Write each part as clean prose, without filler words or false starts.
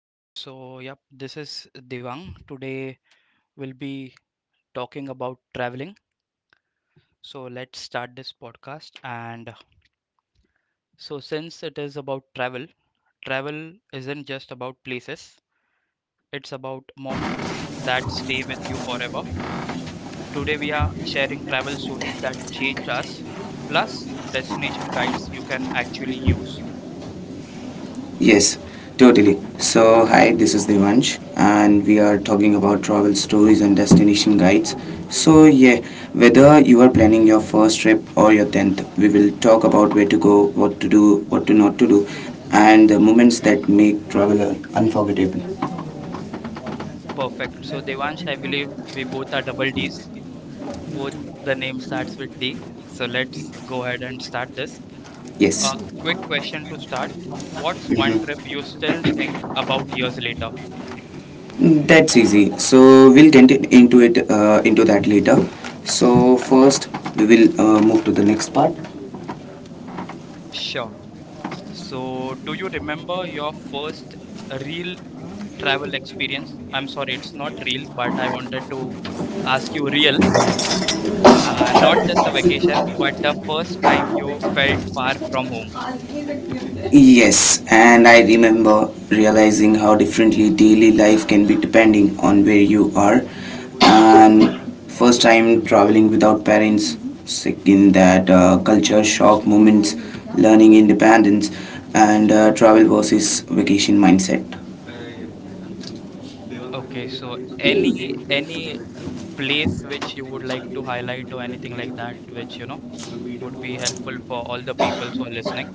Okay, so yep, this is Devang. Today we'll be talking about traveling. So let's start this podcast. And so, since it is about travel, travel isn't just about places, it's about moments that stay with you forever. Today we are sharing travel stories that changed us, plus destination guides you can actually use. Yes, totally. So, hi, this is Devansh, and we are talking about travel stories and destination guides. So, yeah, whether you are planning your first trip or your 10th, we will talk about where to go, what to do, what to not to do, and the moments that make travel unforgettable. Perfect. So, Devansh, I believe we both are double Ds, both the name starts with D. So, let's go ahead and start this. Yes, A quick question to start. What's one trip you still think about years later? that's easy. So, into it into that later. So, first, we will move to the next part. Sure. So, do you remember your first real travel experience? I'm sorry, it's not real, but I wanted to ask you real, not just a vacation, but the first time you felt far from home. Yes, and I remember realizing how differently daily life can be depending on where you are. And first time traveling without parents, second that culture shock moments, learning independence, and travel versus vacation mindset. Okay, so any place which you would like to highlight or anything like that, which you know would be helpful for all the peoples who are listening.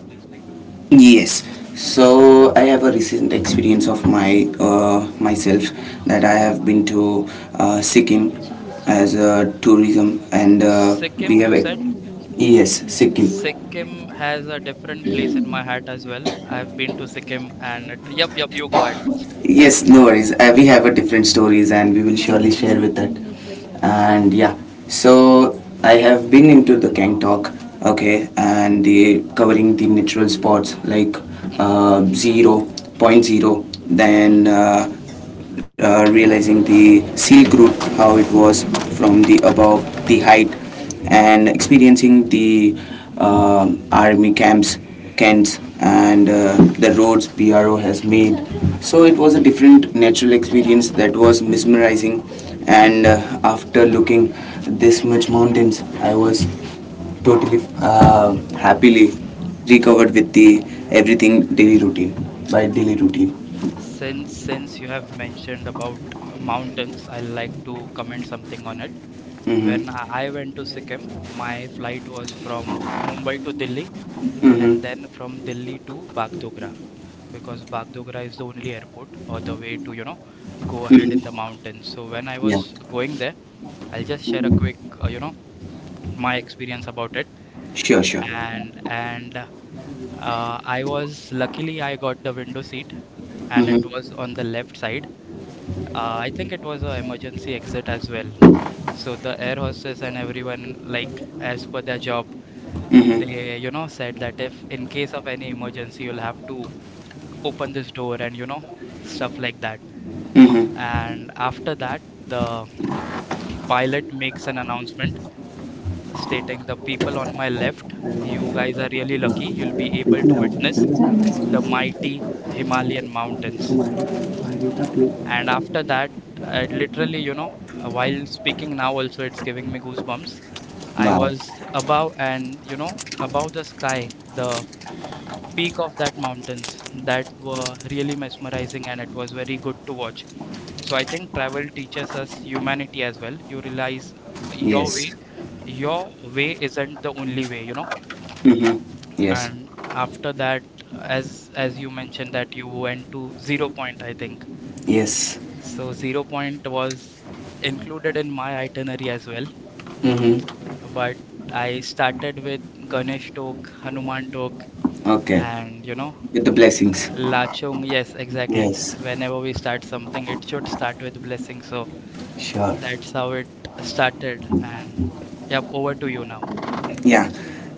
Yes. So I have a recent experience of my myself, that I have been to Sikkim as a tourism and uh, we Sikkim, have you said? Yes, Sikkim. Sikkim has a different place in my heart as well. I've been to Sikkim and it, yep, yep, you go ahead 1st. Yes, no worries. We have a different stories and we will surely share with that. And yeah, so I have been into the Gangtok, okay, and the covering the natural spots like Mm-hmm, 0.0, mm-hmm. then realizing the Silk Route how it was from the above the height and experiencing the army camps and the roads PRO has made. So it was a different natural experience that was mesmerizing. And after looking this much mountains, I was totally happily recovered with the everything daily routine by daily routine. Since you have mentioned about mountains, I like to comment something on it. When Hmm. I went to Sikkim, my flight was from Mumbai to Delhi and Hmm. then from Delhi to Bagdogra because Bagdogra is the only airport or the way to, you know, go ahead Hmm. in the mountains. So when I Yeah. was going there, I'll just share a quick, Mm-hmm. You know, my experience about it. Sure, sure. And I was luckily I got the window seat and it was Mm-hmm. on the left side. I think it was a emergency exit as well. So the air hostess and everyone, like as per their job, Mm-hmm. they, you know, said that if in case of any emergency, you'll have to open this door and, you know, stuff like that. Mm-hmm. And after that, the pilot makes an announcement stating the people on my left, you guys are really lucky. You'll be able to witness the mighty Himalayan mountains. And after that, I literally, you know, while speaking now, also it's giving me goosebumps. I Wow. was above and, you know, above the sky, the peak of that mountains that were really mesmerizing and it was very good to watch. So I think travel teaches us humanity as well. You realize your way, Yes. your way isn't the only way, you know. Mm-hmm. Yes. And after that, as you mentioned that you went to Zero Point, I think. Yes. So Zero Point was included in my itinerary as well, Mm-hmm. but I started with Ganesh Tok, Hanuman Tok, Okay. and you know, With the um, blessings. Lachung. Yes, exactly. Yes. Whenever we start something, it should start with blessing. So Sure. that's how it started. And yep, over to you now. Yeah.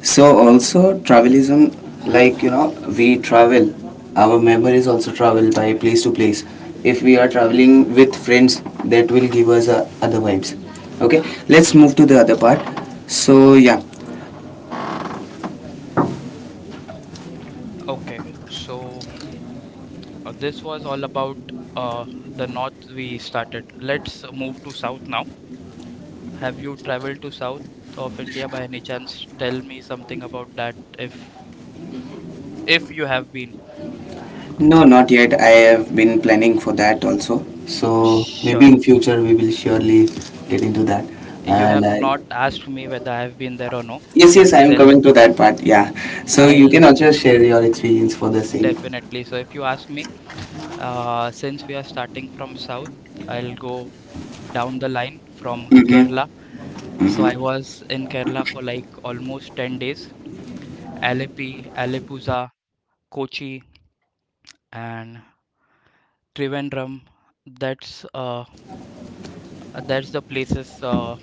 So also travelism, like you know, we travel. Our memories also travel by place to place. If we are traveling with friends, that will give us other vibes. Okay. Let's move to the other part. So yeah. Okay, so this was all about uh, the north we started. Let's move to south now. Have you traveled to south of India by any chance? Tell me something about that if you have been. No, not yet. I have been planning for that also. So maybe Sure. in future we will surely get into that. You And have I, not asked me whether I have been there or no, yes, but yes, I am still coming to that part. Yeah. So you I'll can also share your experience for the same. definitely. So if you ask me. Since we are starting from south, I'll go down the line from Mm-hmm. Kerala. So I Mm-hmm. was in Kerala for like almost 10 days. Alleppey, Aleppuza, Kochi, and Trivandrum. That's uh, that's the places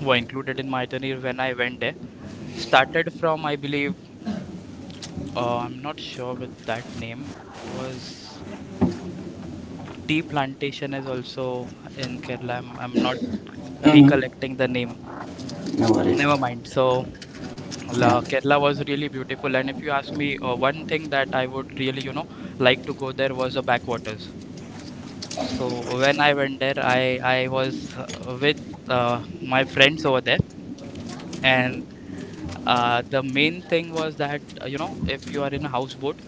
were included in my itinerary when I went there. Started from, I believe, I'm not sure with that name. It was. Tea plantation is also in Kerala. I'm not Mm-hmm. recollecting the name. No Never worries. mind. So Yeah. La, Kerala was really beautiful. And if you ask me, one thing that I would really, you know, like to go there was the backwaters. So when I went there, I was with my friends over there, and the main thing was that you know, if you are in a houseboat,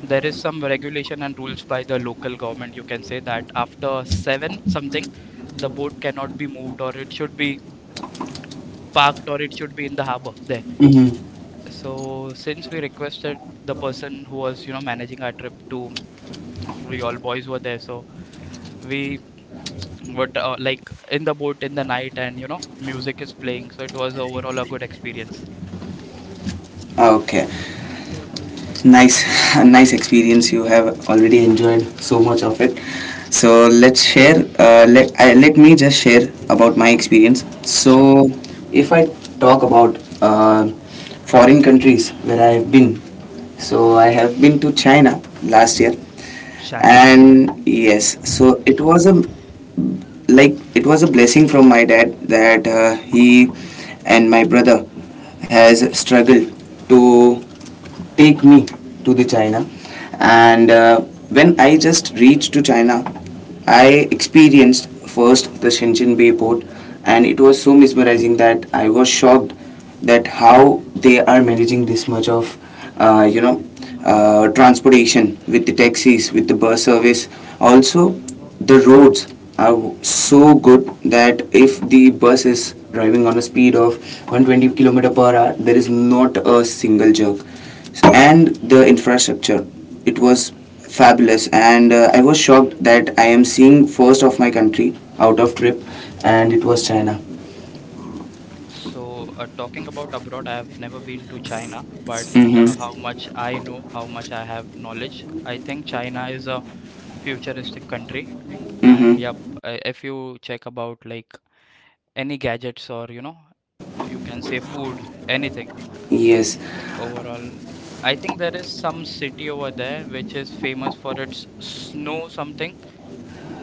there is some regulation and rules by the local government, you can say that after 7 something, the boat cannot be moved or it should be parked or it should be in the harbor there. Mm-hmm. So since we requested the person who was, you know, managing our trip to, we all boys were there, so we were like in the boat in the night and you know music is playing, so it was overall a good experience. Okay. Nice. A nice experience you have already enjoyed so much of it. So let's share I let me just share about my experience. Sure. So if I talk about foreign countries where I have been, so I have been to China last year. China. And yes, so it was a it was a blessing from my dad that he and my brother has struggled to take me to the China. And when I just reached to China, I experienced first the Shenzhen Bay port, and it was so mesmerizing that I was shocked that how they are managing this much of uh, you know transportation with the taxis, with the bus service. Also, the roads are so good that if the bus is driving on a speed of 120 km per hour, there is not a single jerk. So, and the infrastructure, it was fabulous, and I was shocked that I am seeing first of my country out of trip, and it was China. So, talking about abroad, I have never been to China, but how Mm-hmm. much I know, how much I have knowledge, I think China is a futuristic country. And yep, Mm-hmm. If you check about like any gadgets or you know, you can say food, anything Yes. Overall, I think there is some city over there which is famous for its snow something.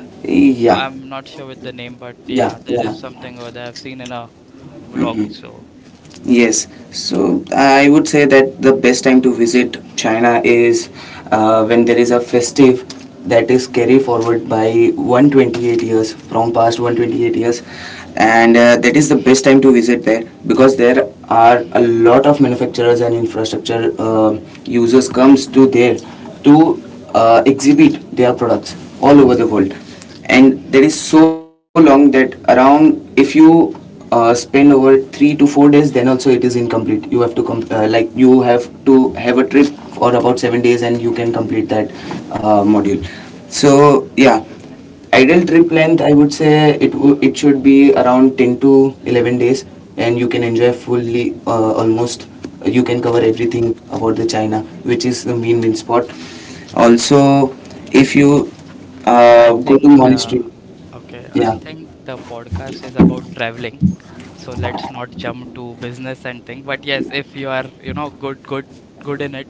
Yeah. I'm not sure with the name, but yeah yeah, there yeah is something over there I've seen in a vlog. So. Yes, so I would say that the best time to visit China is when there is a festive, that is carried forward by 128 years, from past 128 years, and that is the best time to visit there, because there are a lot of manufacturers and infrastructure users comes to there to exhibit their products all over the world. And that is so long that around, if you spend over 3 to 4 days, then also it is incomplete. You have to you have to have a trip for about 7 days and you can complete that module. So yeah, ideal trip length, I would say it it should be around 10 to 11 days, and you can enjoy fully almost. You can cover everything about the China, which is the main main spot. Also, if you I go to think, monastery, okay, I yeah, think the podcast is about traveling. So let's not jump to business and thing. But yes, if you are, you know, good, good, good in it,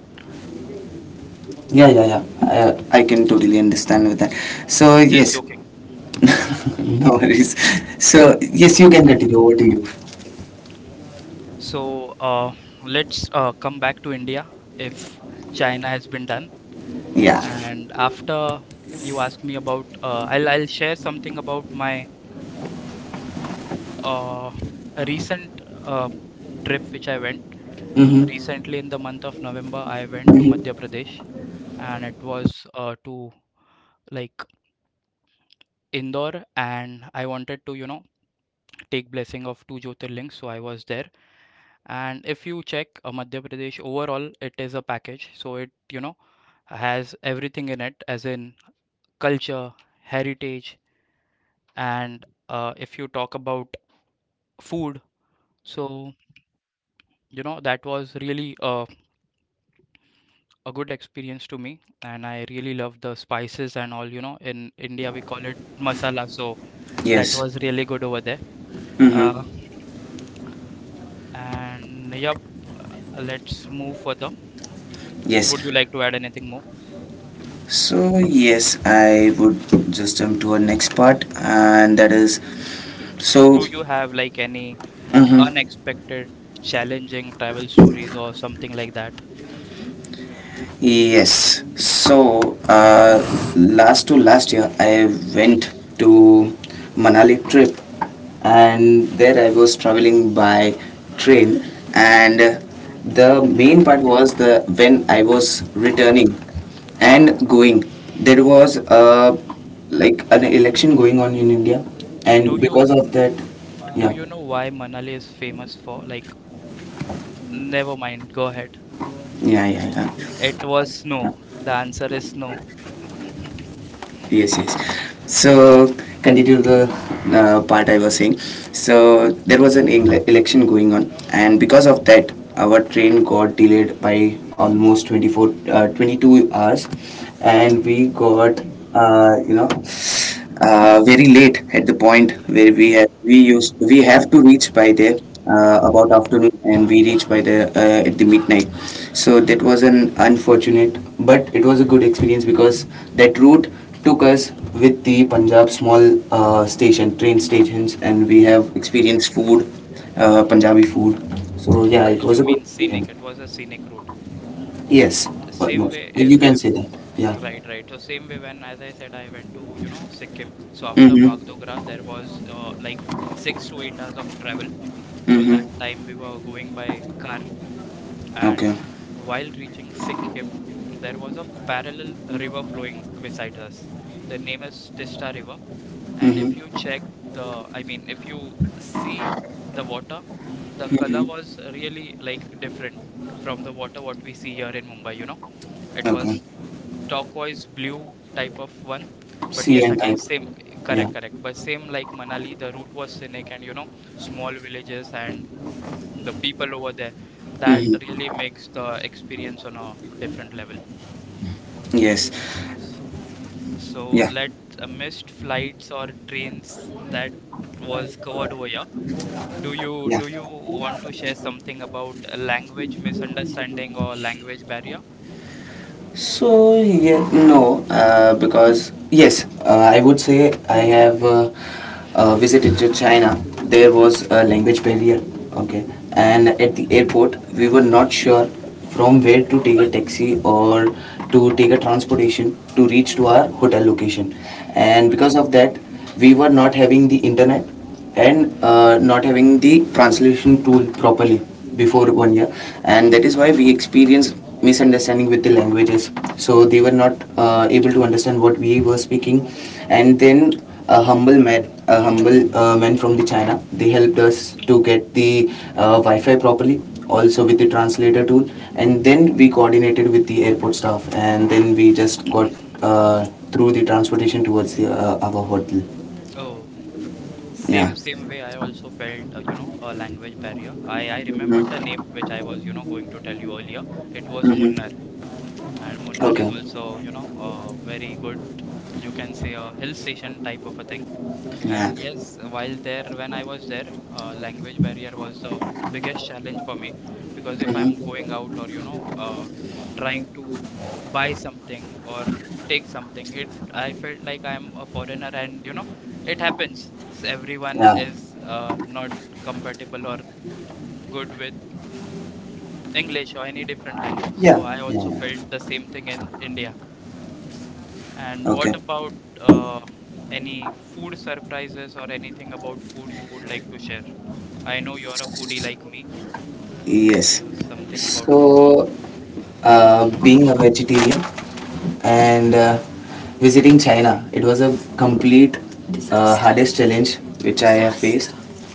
I can totally understand with that. So just yes. joking. No worries. So yes, you can continue. Over to you. So let's come back to India if China has been done. Yeah. And after you ask me about, I'll share something about my uh, recent uh, trip which I went. Mm-hmm. Recently in the month of November, I went to Madhya Mm-hmm. Pradesh and it was to like Indore, and I wanted to, you know, take blessing of two Jyotirlings, so I was there. And if you check Madhya Pradesh overall, it is a package, so it, you know, has everything in it, as in culture, heritage, and if you talk about food, so you know that was really a good experience to me, and I really love the spices and all. You know, in India we call it masala, so that Yes. was really good over there. Mm-hmm. Uh, And yep, let's move further. Would you Yes. like to add anything more? So yes, I would just jump to our next part, and that is so. Do you have like any Mhm. unexpected, challenging travel stories or something like that? Yes, so last to last year, I went to Manali trip, and there I was traveling by train, and the main part was the when I was returning and going, there was like an election going on in India, Do and you because of that, do yeah. you know why Manali is famous for? Like, never mind, go ahead. 你看，你看，你看，It was no. The answer is no. Yes, yes. So continue to the part I was saying. So there was an election going on, and because of that, our train got delayed by almost 24, 22 hours, and we got uh, you know very late at the point where Mm. We have to reach by there about afternoon, and we reached by the at the midnight. So that was an unfortunate, but it was a good experience, because that route took us with the Punjab small station, train stations, and we have experienced food, Punjabi food. So yeah, it was a You good mean experience. scenic. It was a scenic route. Yes, but no, Same way, you can say that. if Yeah. right, right. So same way when, as I said, I went to you know Sikkim. So after Mm-hmm. Bagdogra, there was like 6 to 8 hours of travel. So Mm-hmm. that time we were going by car, and Okay. while reaching Sikkim, there was a parallel river flowing beside us. The name is Tista River, and if you Mm-hmm. check the, I mean, if you see the water, the color Mm-hmm. was really like different from the water what we see here in Mumbai, you know. It was Okay. turquoise blue type of one. But C yes, and again, type. same, correct, Yeah. correct. But same like Manali, the route was scenic and you know, small villages and the people over there. That really Mm-hmm. makes the experience on a different level. Yes. S- So Yeah. let missed flights or trains that was covered over here. Do you Yeah. want to share something about a language misunderstanding or language barrier? So yeah, no, because yes, I would say I have visited to China. There was a language barrier, okay, and at the airport we were not sure from where to take a taxi or to take a transportation to reach to our hotel location, and Correct. because of that we were not having the internet, and not having the translation tool properly Mm. before 1 year, and that is why we experienced misunderstanding with the languages. So they were not able to understand what we were speaking. And then a humble man from the China, they helped us to get the wi-fi properly, also with the translator tool, and then we coordinated with the airport staff, and then we just got uh, through the transportation towards the, our hotel. Oh, Yeah. same same way I also felt you know a language barrier. I remembered the Mhm. name which I was you know going to tell you earlier. It was Munnar, Mm-hmm. and Munnar is Okay. also you know very good. You can say a hill station type of a thing. Yeah. And yes, while there, when I was there, language barrier was the biggest challenge for me because if I'm going Mm-hmm. out or, you know, trying to buy something or take something, it I felt like I'm a foreigner and, you know, it happens. Everyone Yeah. is not compatible or good with English or any different language. So Yeah. I Yeah. also felt Yeah. the same thing in India. And what Okay. about uh, any food surprises or anything about food you would like to share? I know you're a foodie like me, Yes. so something about food. So, being a vegetarian and visiting China, it was a complete Disaster. Hardest challenge which I have Disaster. Faced.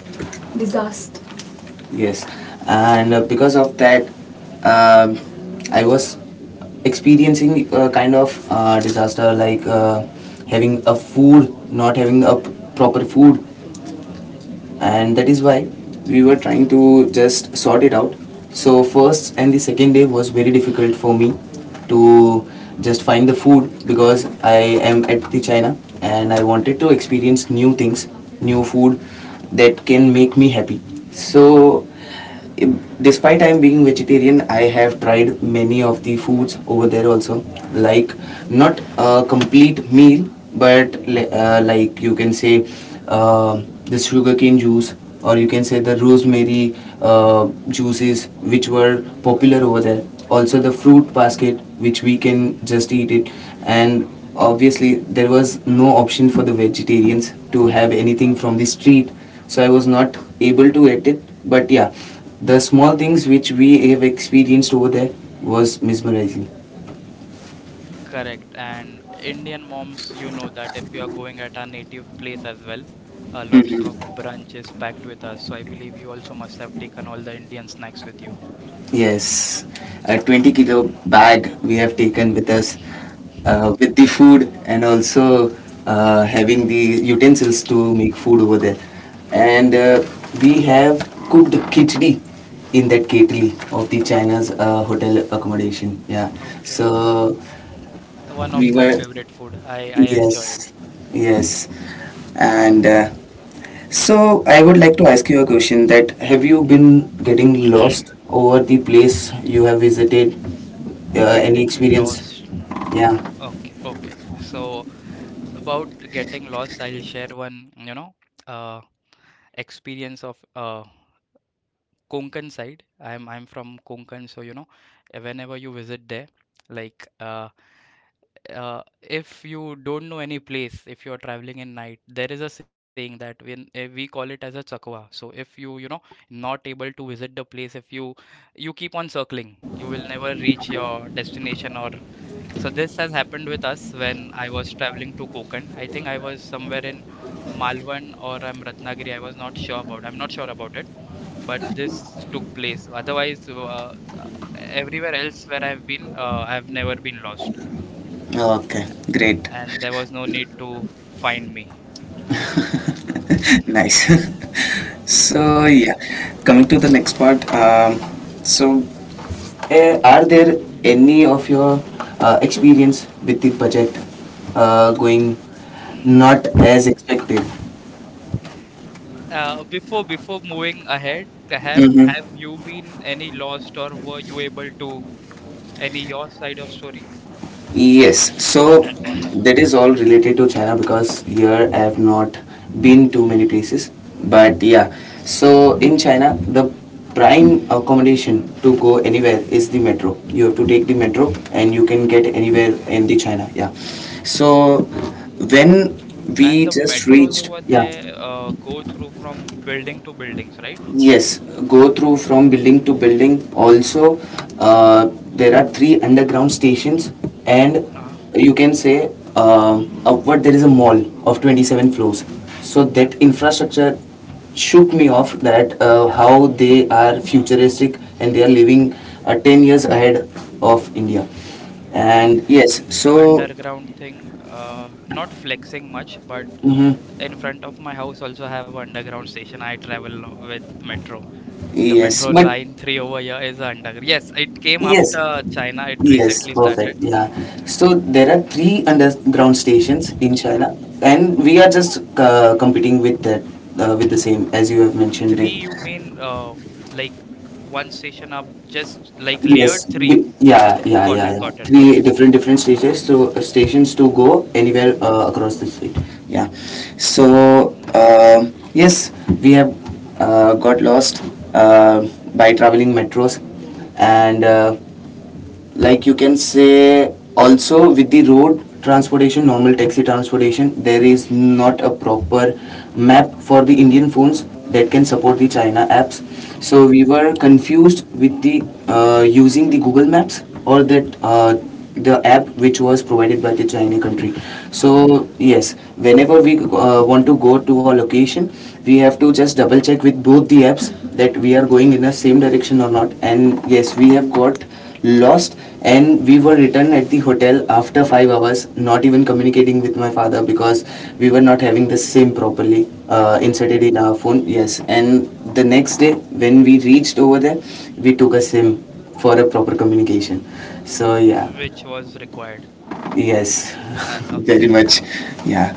Yes, and because of that, um I was experiencing a kind of disaster, like having a food, not having a proper food, and that is why we were trying to just sort it out. So first and the second day was very difficult for me to just find the food, because I am at the china, and I wanted to experience new things, new food, that can make me happy. So despite I'm being vegetarian, I have tried many of the foods over there also. Like not a complete meal, but you can say the sugarcane juice, or you can say the rosemary juices, which were popular over there. Also the fruit basket, which we can just eat it, and obviously there was no option for the vegetarians to have anything from the street, so I was not able to eat it. But yeah, the small things which we have experienced over there was mesmerizing. Correct. And Indian moms, you know that if you are going at our native place as well, lots of Mm-hmm. brunch is packed with us. So I believe you also must have taken all the Indian snacks with you. Yes, a 20-kilo bag we have taken with us with the food, and also having the utensils to make food over there. And we have cooked khichdi in that kettle of the China's hotel accommodation. Yeah, Okay, the so one we of my were, favorite food. I enjoy yes, yes, and so I would like to ask you a question, that have you been getting lost over the place you have visited? it. Any Getting experience? lost. Yeah. Okay, okay. So about getting lost, I'll share one, you know, uh, experience of Konkan side. I'm from Konkan, so you know, whenever you visit there, like if you don't know any place, if you're traveling in night, there is a saying that when we call it as a chakwa. So if you you know not able to visit the place, if you keep on circling, you will never reach your destination or so this has happened with us when I was traveling to Konkan. I think I was somewhere in Malwan or I'm Ratnagiri. I was not sure about. I'm not sure about it, but this took place. Otherwise, everywhere else where I've been, I've never been lost, Okay, great. and there was no need to find me. Nice. So yeah, coming to the next part. So are there any of your experience with the budget going not as expected? Before moving ahead, have you been any lost, or were you able to any your side of story? Yes, so that is all related to China, because here I have not been to many places. But yeah, so in China, the prime accommodation to go anywhere is the metro. You have to take the metro and you can get anywhere Okay. in the China. Yeah. So when And we the just metros reached, over yeah. there go through from building to buildings, right? Yes, go through from building to building. Also, uh, there are 3 underground stations, and Uh-huh. you can say upward there is a mall of 27 floors. So that infrastructure shook me off that how they are futuristic and they are living 10 years ahead of India. And Okay. yes, The so underground thing, not flexing much, but mhm, in front of my house also have a underground station. I travel with metro. The yes, metro but line three over here is underground. Yes, it came yes, after China. It yes, recently perfect. started. Yeah. Yeah. So there are 3 underground stations in Uh, China, and we are just competing with that, with the correct. same as you have mentioned it. Three, you mean like one station up, just like layered Yes. three. Yeah. Yeah. Got Yeah. it, Yeah. got it, got Three it. different different stations to go anywhere Mhm. Across the state. Yeah. So Nice. Yes, we have got lost uh, by traveling metros, and like you can say, also with the road transportation, normal taxi transportation, there is not a proper map for the Indian phones that can support the China apps, so Hmm. we were confused with the using the Google Maps or that the app which was provided by the China country. Okay. So yes, whenever we want to go to a location, we have to just double check with both the apps that Mm. we are going in the same direction or not. And yes, we have got lost and we were returned at the hotel after 5 hours, not even communicating with my father, because we were not having the SIM properly Okay. inserted in our phone. Yes. And the next day when we reached over there, we took a SIM for a proper communication. So yeah. Which was required. Yes. Very Okay. much. Yeah.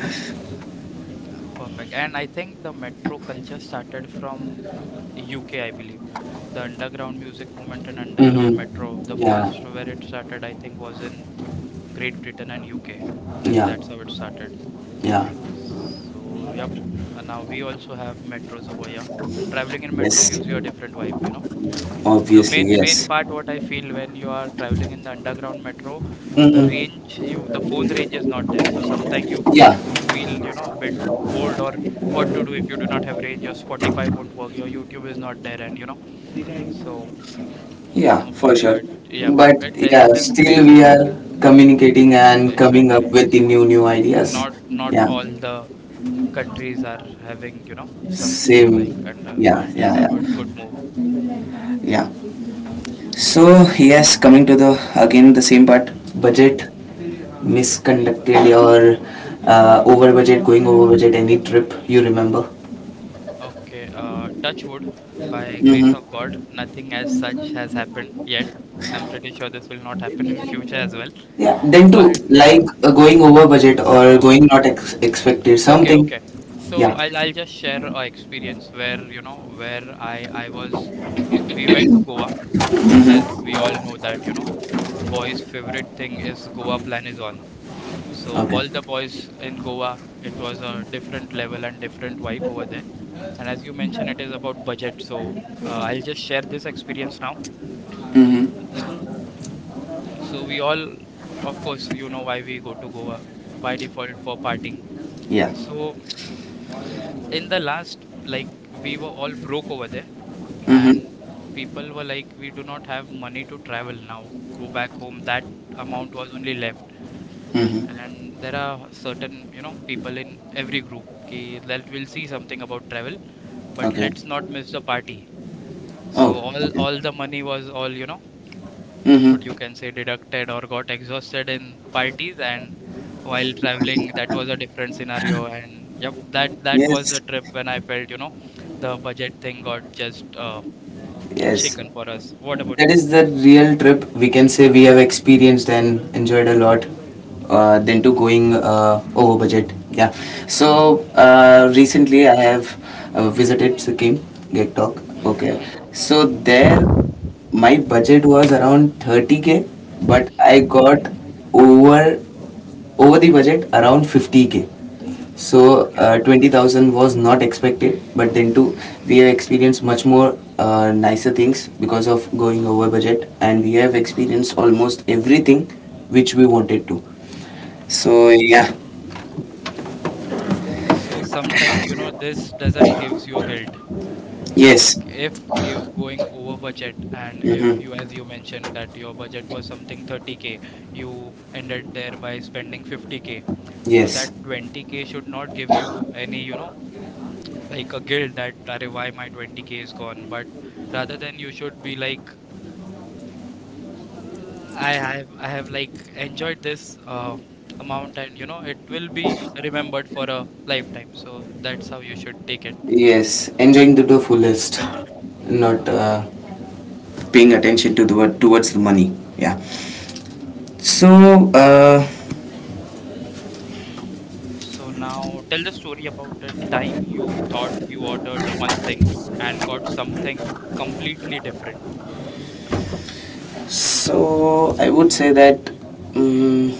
Perfect. And I think the metro culture started from UK, I believe. The underground music movement and underground metro, Mm-hmm. the Yeah. first where it started, I think, was in Great Britain and UK. And Yeah. that's how it started. Yeah. So, yep. And now we also have metros over here. Traveling in metro Yes, gives you a different vibe, you know. The obviously main yes. part what I feel when you are traveling in the underground metro, Mm-hmm. The phone range is not there. So sometimes you Yeah. feel, you know, a bit bored or what to do if you do not have range, your Spotify won't work, your YouTube is not there and you know. So Yeah, no for fun, sure. but yeah, But it is yeah, it is still crazy. we are communicating and coming up Exactly. with the new ideas. Not Yeah, all the countries are having, you know, something like same. under, so Yeah, it is a yeah, good yeah, good move. yeah. So yes, coming to the again the same part, Mm-hmm. budget misconducted or over budget, going over budget, any trip you remember? Okay, touch wood, by grace of Mm-hmm. God, nothing as such has happened yet. I'm pretty sure this will not happen in future as well. Yeah, then too, But yeah, like going over budget or so going not expected okay, something. okay. So Yeah. I'll just share a experience where you know where I was we went to Goa, as Mm-hmm. we all know that you know boys' favorite thing is Goa plan is on. So Okay. all the boys in Goa, it was a different level and different vibe over there. And as you mentioned, it is about budget. So I'll just share this experience now. Mm-hmm. So we all, of course, you know why we go to Goa, by default for partying. Yeah. So in the last, like, we were all broke over there, and people were like, we do not have money to travel now. Go back home. That amount was only left. Mm-hmm. And there are certain, you know, people in every group ki, that will see something about travel, but Okay. let's not miss the party. So Oh, all okay. all the money was all, you know, what you Mm-hmm. can say deducted or got exhausted in parties, and while traveling that was a different scenario. And yep, that was Yes, a trip when I felt you know the budget thing got just yes. shaken for us. What about That you? is the real trip we can say we have experienced and enjoyed a lot. Than to going over budget. Yeah. So recently, I have visited Sikkim, Gangtok. Mhm, Okay. mhm. So there my budget was around 30K, but I got over over the budget around 50K. So Okay, okay. 20,000 was not expected, but then too we have experienced much more nicer things because of going over budget, and we have experienced almost everything which we wanted to. So yeah, So sometimes you know this doesn't gives you a guilt, like yes. if going over budget, and if you, Mm-hmm. as you mentioned that your budget was something 30k, you ended there by spending 50k, so that Yes, 20k should not give you any you know like a guilt that "Arey, why my 20k is gone," but rather than you should be like, I have like enjoyed this amount, and you know it will be remembered for a lifetime. So that's how you should take it. yes, enjoying to the fullest, not paying attention to the word towards the money. Yeah. So So now tell the story about the time you thought you ordered one thing and got something completely different. I would say that. Mm.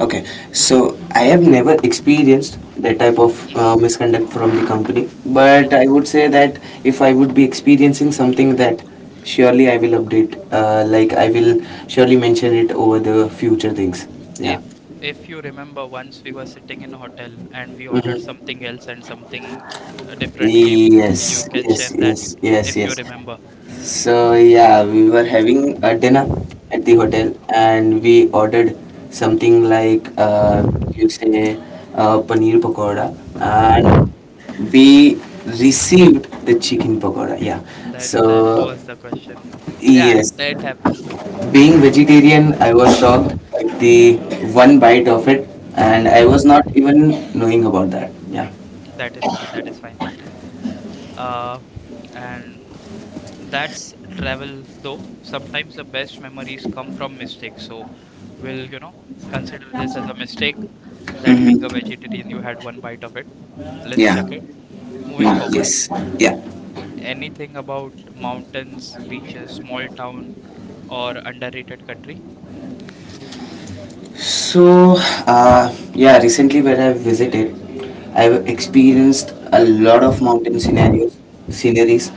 Okay, so I have never experienced that type of Hmm. Misconduct from the company, but Hmm. I would say that if I would be experiencing something, that surely I will update, like I will surely mention it over the future things. Yeah. If if you remember, once we were sitting in a hotel and we ordered Hmm. something else and something different came. You Yes, can yes, share that yes, yes, if yes. you remember. So yeah, we were having a dinner at the hotel, and we ordered something like, you say, paneer pakoda, and we received the chicken pakoda. Yeah. That that So was the question. Yeah, it yes, it happens. being vegetarian, I was shocked at the one bite of it, and I was not even knowing about that. Yeah. That is fine. That is fine. Uh, and that's travel though. Sometimes the best memories come from mistakes. So we'll, you know, consider this as a mistake, that being a Mm-hmm. vegetarian, you had one bite of it. Let's Yeah. chuck it. Moving No. forward, Yes. l- Yeah. anything about mountains, beaches, small town, or underrated country? So, yeah, recently when I visited, I've experienced a lot of mountain sceneries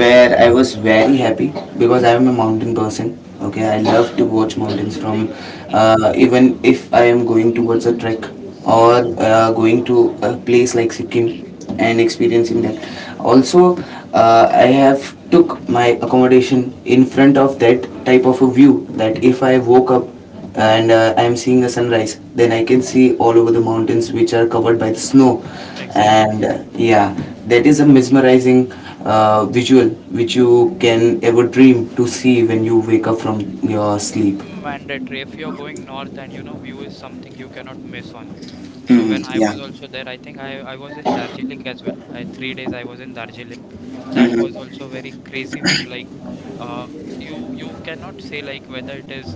where I was very happy because I am a mountain person. Okay, I love to watch mountains from, Mm-hmm. Even if I am going towards a trek Mm-hmm. or going to a place like Sikkim and experiencing that. Also, I have took my accommodation in front of that type of a view that if I woke up and I'm seeing a sunrise. Then I can see all over the mountains which are covered by the snow, Exactly. and yeah, that is a mesmerizing visual which you can ever dream to see when you wake up from your sleep. Mandatory. If you're going north and you know, view is something you cannot miss on. So Hmm. when I Yeah. was also there, I think I was in Darjeeling as well. I 3 days I was in Darjeeling. That was Hmm. also very crazy view. Like, uh you you cannot say like whether it is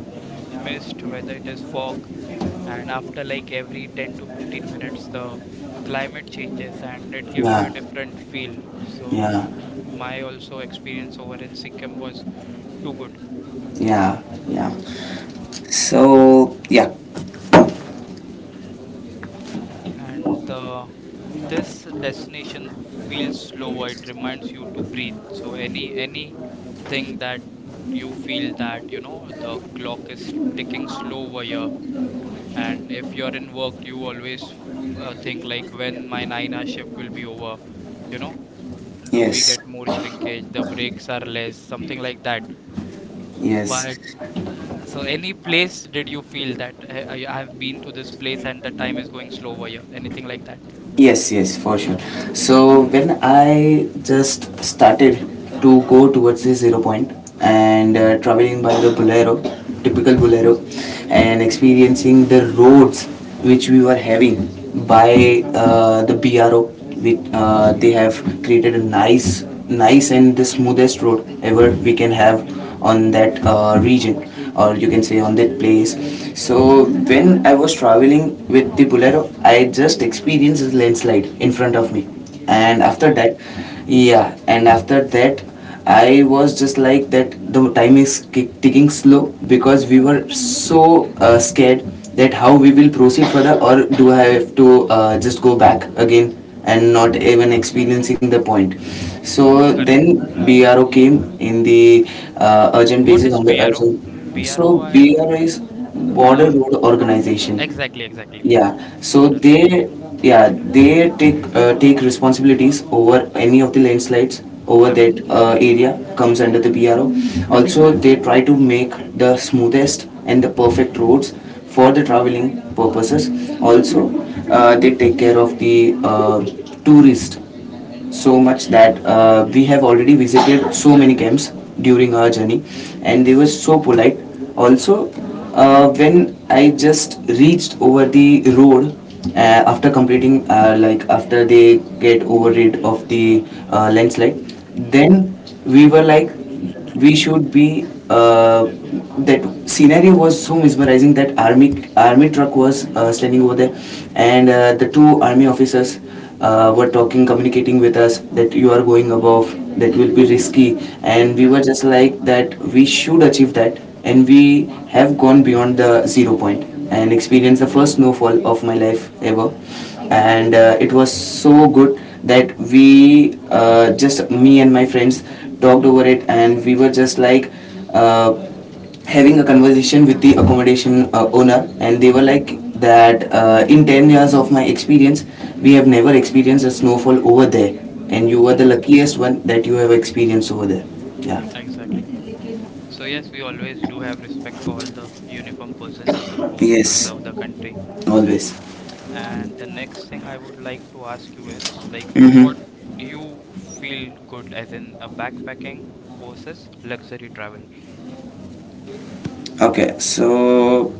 mist, whether it is fog, and after like every 10 to 15 minutes the climate changes and it gives you a Yeah, different feel. So yeah, my also experience over in Sikkim was too good. yeah. Yeah. So yeah. And the this destination feels slower. It reminds you to breathe. So any anything that you feel that you know the clock is ticking slow over here, and if you're in work, you always think like when my nine-hour shift will be over. You know, do we Yes. get more shrinkage? The breaks are less, something like that. Yes, But so any place did you feel that "Hey, I have been to this place and the time is going slow over here?" Anything like that? yes, yes, for sure. So when I just started to go towards the Zero Point and traveling by the Bolero, typical Bolero, and experiencing the roads which we were having by, the BRO, which they have created a nice, nice and the smoothest road ever we can have on that region, or you can say on that place. So when I was traveling with the Bolero, I just experienced this landslide in front of me, and after Oh, that, yeah, and after that, I was just like that the time is ticking slow, because we were so scared that how we will proceed further, or do I have to just go back again and not even experiencing the point. So correct. then BRO came in the, urgent What basis, is on the BRO? urgent. So BRO, BRO I'm is Border uh Road Organization. exactly, exactly. Yeah. So Border road. they, yeah, they take responsibilities over any of the landslides over that Correct. Area comes under the BRO. Also, they try to make the smoothest and the perfect roads for the traveling purposes. Also, they take care of the tourists so much that we have already visited so many camps during our journey, and they were so polite. Also, when I just reached over the road, after completing, like after they get over rid of the landslide, Uh, then we were like we should be, that scenario was so mesmerizing that army truck was standing over there, and the two army officers were talking communicating with us that you are going above, that will be risky, and we were Correct. just like that we should achieve that. And we have gone beyond the Zero Point and experienced the first snowfall of my life ever. And it was so good that we, just me and my friends, talked over it. And we were just like, uh, having a conversation with the accommodation owner, and they were like that, in 10 years of my experience we have never experienced a snowfall over there, and you were the Hmm. luckiest one that you have experienced over there. Yeah. Exactly. So yes, we always do have respect for all the uniformed persons who Yes, serve the country. always. And the next thing I would like to ask you is like Mm-hmm. what you feel good as in a backpacking versus luxury travel? Okay, so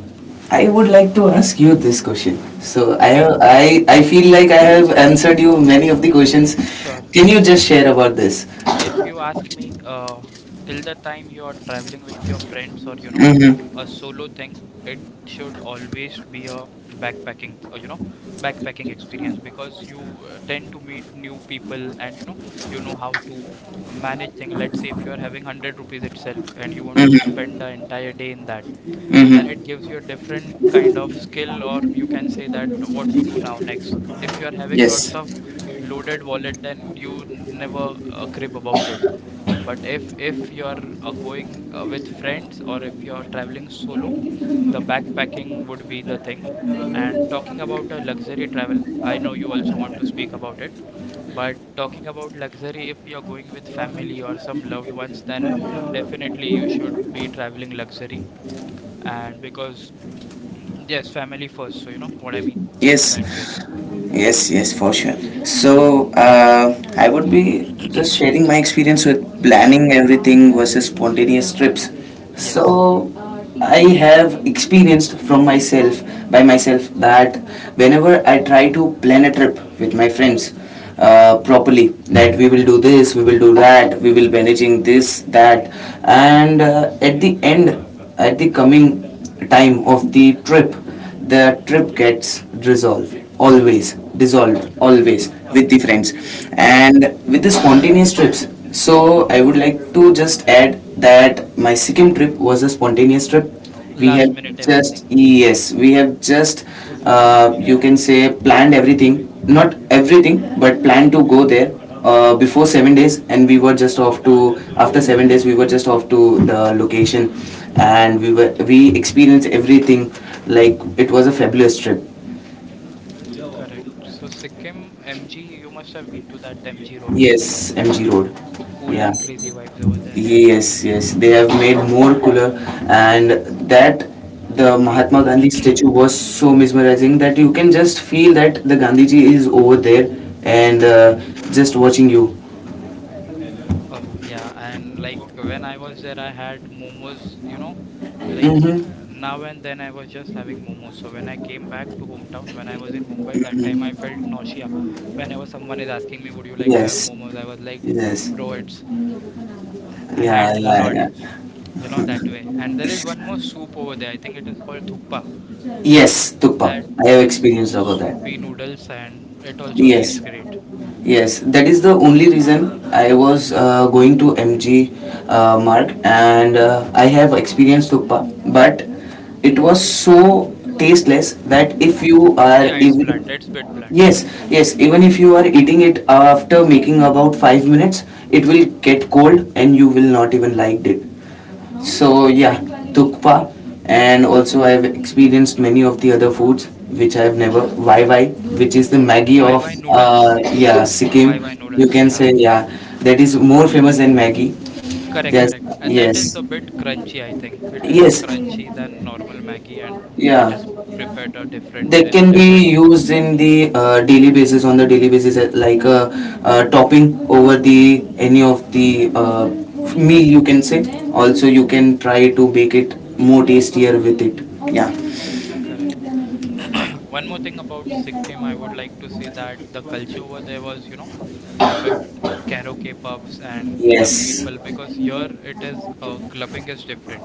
I would like to ask you this question. So I Me? have, I, I feel like I have answered you many of the questions. Sure. Can you just share about this? If you ask me, till the time you are traveling with your friends or you know, Mm-hmm. a solo thing, it should always be a backpacking, you know, backpacking experience because you tend to meet new people and you know how to manage things. Let's say if you are having 100 rupees itself and you want to spend the Mm-hmm. entire day in that, then it Mm-hmm. gives you a different kind of skill or you can say that what to do now next. If you are having lots Yes. of loaded wallet, then you never crib about it, but if you are going with friends or if you are traveling solo, the backpacking would be the thing. And talking about the luxury travel, I know you also want to speak about it. But talking about luxury, if you're going with family or some loved ones, then definitely you should be traveling luxury. And because, yes, family first, so you know what I mean Yes, that way. yes, yes, for sure. So I would be just sharing my experience with Sure. planning everything versus spontaneous trips. Yes. So I have experienced from myself by myself that whenever I try to plan a trip with my friends, properly, that we will do this, we will do that, we will managing this, that, and at the coming time of the trip gets resolved always dissolved Okay. always with the Okay. friends, uh and with the spontaneous trips. So I would like to just add that my Sikkim trip was a spontaneous trip. We Last have minute just, everything. yes, we have just, you can say, planned everything, not everything, but planned to go there, before 7 days, and we were just off to after 7 days we were just off to the location. And we experienced everything. Like it was a fabulous trip. Correct. So Sikkim MG, you must have been to that MG Road. Yes, MG Road. Uh, Cool Yeah. and crazy vibes over there. Yes, yes. They have made more cooler, and that the Mahatma Gandhi statue was so mesmerizing that you can just feel that the Gandhi ji is over there and Correct. just watching you. Oh yeah, and like when I was there, I had momos. You know, uh, like Mm-hmm. now and then I was just having momos. So when I came back to hometown, when I was in Mumbai that time, I felt nausea. Whenever someone is asking me, "Would you like to have Yes, momos?" I was like, yes. "Bro, it's I had Yeah, a yeah, lot." yeah. You know that way. And there is one more soup over there. I think it is called thukpa. Yes, Tukpa. That I have the s- experienced about that. soupy noodles, and it also Yes, tastes great. yes. That is the only reason I was going to MG, Mark, and I have experienced Tukpa. But it was so tasteless that if Mhm. you are Yeah, it's even, blunt. It's bit blunt. Yeah. yes, yes, even if you are eating it after making about 5 minutes, it will get cold and you will not even like it. So yeah, tukpa. And also I've experienced many of the other foods which I've never. Wai Wai, which is the Maggie of, YY noodles. yeah, YY Sikkim, you noodles. can Yeah. say. Yeah, that is more famous than Maggie. Correct, Yes, correct. That is yes, a bit crunchy, I think. It is yes. crunchy than normal Maggie, and it Yeah, is prepared a different that in a can be different used in the, daily basis on the daily basis, like a, topping over the any of the meal, you can say. Also you can try to make it more tastier with it. Yeah. correct. One more thing about Sikkim, I would like to say that the culture over there was, you know, a bit karaoke pubs and the Yes. people, because here it is clubbing is different,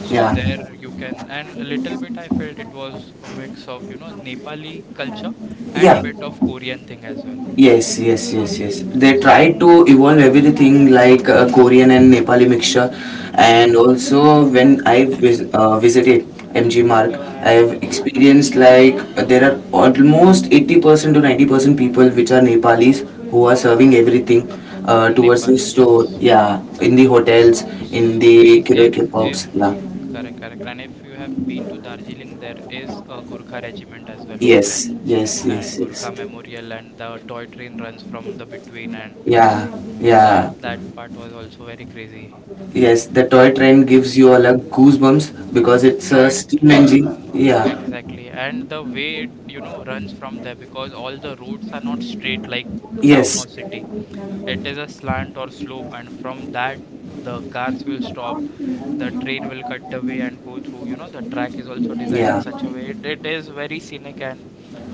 so Yeah. there you can, and a little bit I felt it was a mix of you know Nepali culture and Yeah. bit of Korean thing as well. Yes, yes, yes, yes. They S- try to evolve everything like, Korean and Nepali mixture, Correct. and also when I've visited MG Mark, I've Mm, experienced like, there are almost 80% to 90% people which are Nepalis who are serving everything towards Nepal, the yes. store. Yeah, in the hotels, in So the we if karaoke if pubs. Yeah. correct, correct, and if you have been to Darjeeling, there is a Gurkha regiment as well over there, Yes, yes, and yes, yes. Gurkha memorial, and the toy train runs from the between, and Yeah, that yeah. that part was also very crazy. Yes, the toy train gives you all a goosebumps because it's a Toy steam engine. train, Yeah. exactly. And the way it, you know, runs from there, because all the roads are not straight like town or Yes. city. It is a slant or slope, and from that the cars will stop, the train will cut the way and go through. You know, the track is also designed in Yeah. such a way. It is very scenic and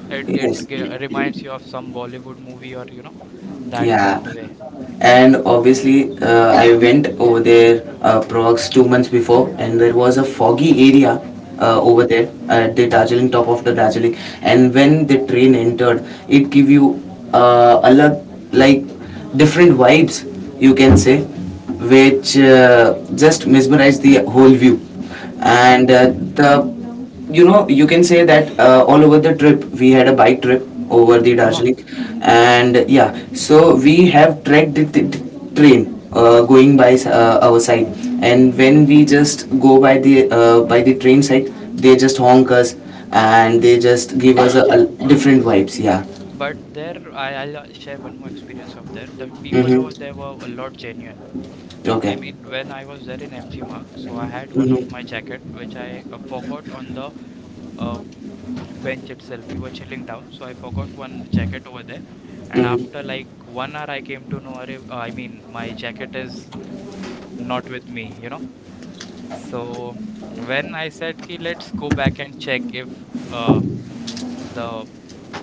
it Yes. Reminds you of some Bollywood movie or you know, that that Yeah, way. and obviously I went over there prox 2 months before, and there was a foggy area Mm, over there at the Darjeeling, top of the Darjeeling. And when the train entered, it give you a lot, like, different vibes you can say, which just mesmerized the whole view. And exactly. the you know, you can say that all over the trip we had a bike trip over the uh Darjeeling. And yeah, so we have tracked the train going by our side, and when we just go by the train side, they just honk us, and they just give us a, Bike, yeah. a different vibes, yeah. But there, I'll share one more experience of there. The people over there Mm-hmm. were a lot genuine. I Okay. mean, when I was there in MG Mark, so I had one of my Mm-hmm. jacket which I forgot on the uh, bench itself. We were chilling down, so I forgot one jacket over there. And after Mm-hmm. like 1 hour, I came to know, "Arey, I mean, my jacket is not with me. So when I said, Ki, let's go back and check if the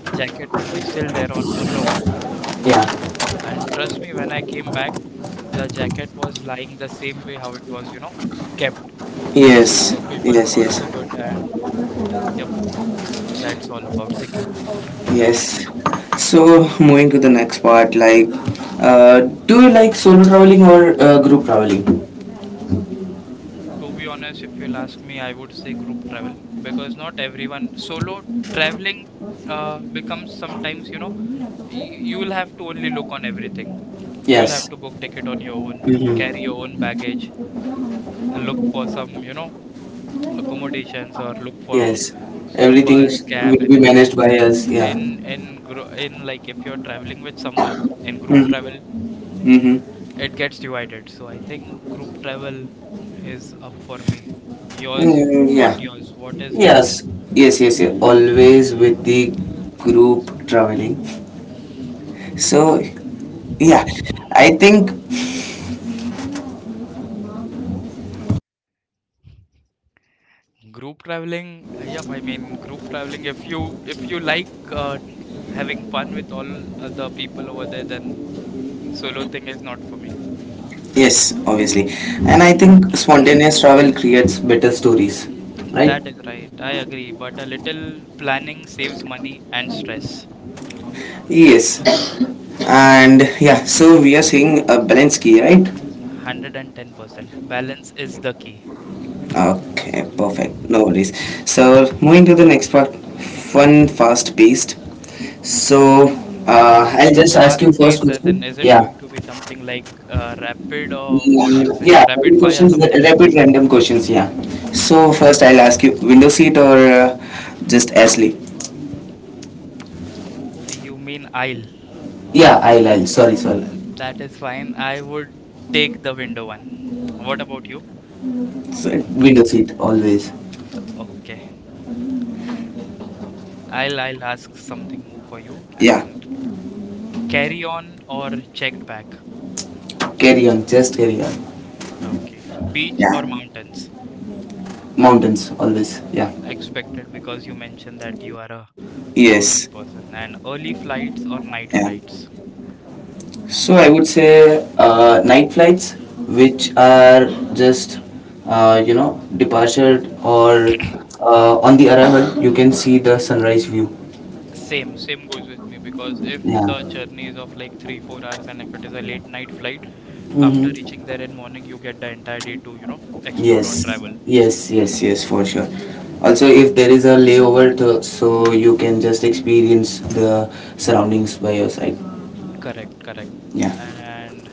jacket will be still there on or no. Yeah. And trust me, when I came back, the jacket was lying the same way how it was, you know, kept. Yes, So people were yes, yes. also good, and yep, that's all about Sikkim. Yes. So moving to the next part, like, do you like solo traveling or group traveling? To be honest, if you'll ask me, I would say group travel because not everyone solo traveling becomes sometimes, you know, you will have to only look on everything. You will have Yes. to book ticket on your own, carry your Mm-hmm. own baggage, and look for some, you know, accommodations or look for Yes. a Everything bus, cab, will be managed anything. by us. Yeah. In like if you're traveling with someone in group travel, Mm-hmm. Mm-hmm. it gets divided. So I think group travel is up for me. Mm, yeah. Yours? What is your take? Yes. Yes. Yes. Yeah. Always with the group traveling. So yeah, I think Group traveling, yep. I mean group traveling. If you like having fun with all other people over there, then solo thing is not for me. yes, obviously, and I think spontaneous travel creates better stories, right? That is right. I agree. But a little planning saves money and stress. Yes. And yeah, so we are seeing a balance key, right? 110%. Balance is the key. Okay, perfect. No worries. So moving to the next part, fun, fast-paced. So I'll Fun, just ask fast you first pace, as in, question. is it Yeah. going to be something like rapid or what do you Mm, say? yeah, Rapid rapid fire, questions, something like rapid that. random questions. Yeah. So Okay. first, I'll ask you window seat or just Ashley. You mean aisle. Yeah, I'll. Sorry, sorry. That is fine. I would take the window one. What about you? So, window seat, always. Okay. I'll ask something more for you Yeah. and carry on or checked back. Carry on, just carry on. Okay. Beach Yeah. or mountains? Mountains, always. Yeah. Expected because you mentioned that you are a Yes. mountain person and early flights or Yeah. night flights. So I would say night flights, which are just departure, or on the arrival, you can see the sunrise view. Same, same goes with me because if Yeah. the journey is of like three, 4 hours and if it is a late night flight, after reaching Mm-hmm. there in morning you get the entire day to, you know, explore or Yes. travel. Yes. Yes. Yes. For sure. Also, if there is a layover, to, so you can just experience the surroundings by your side. Correct, correct. Yeah. And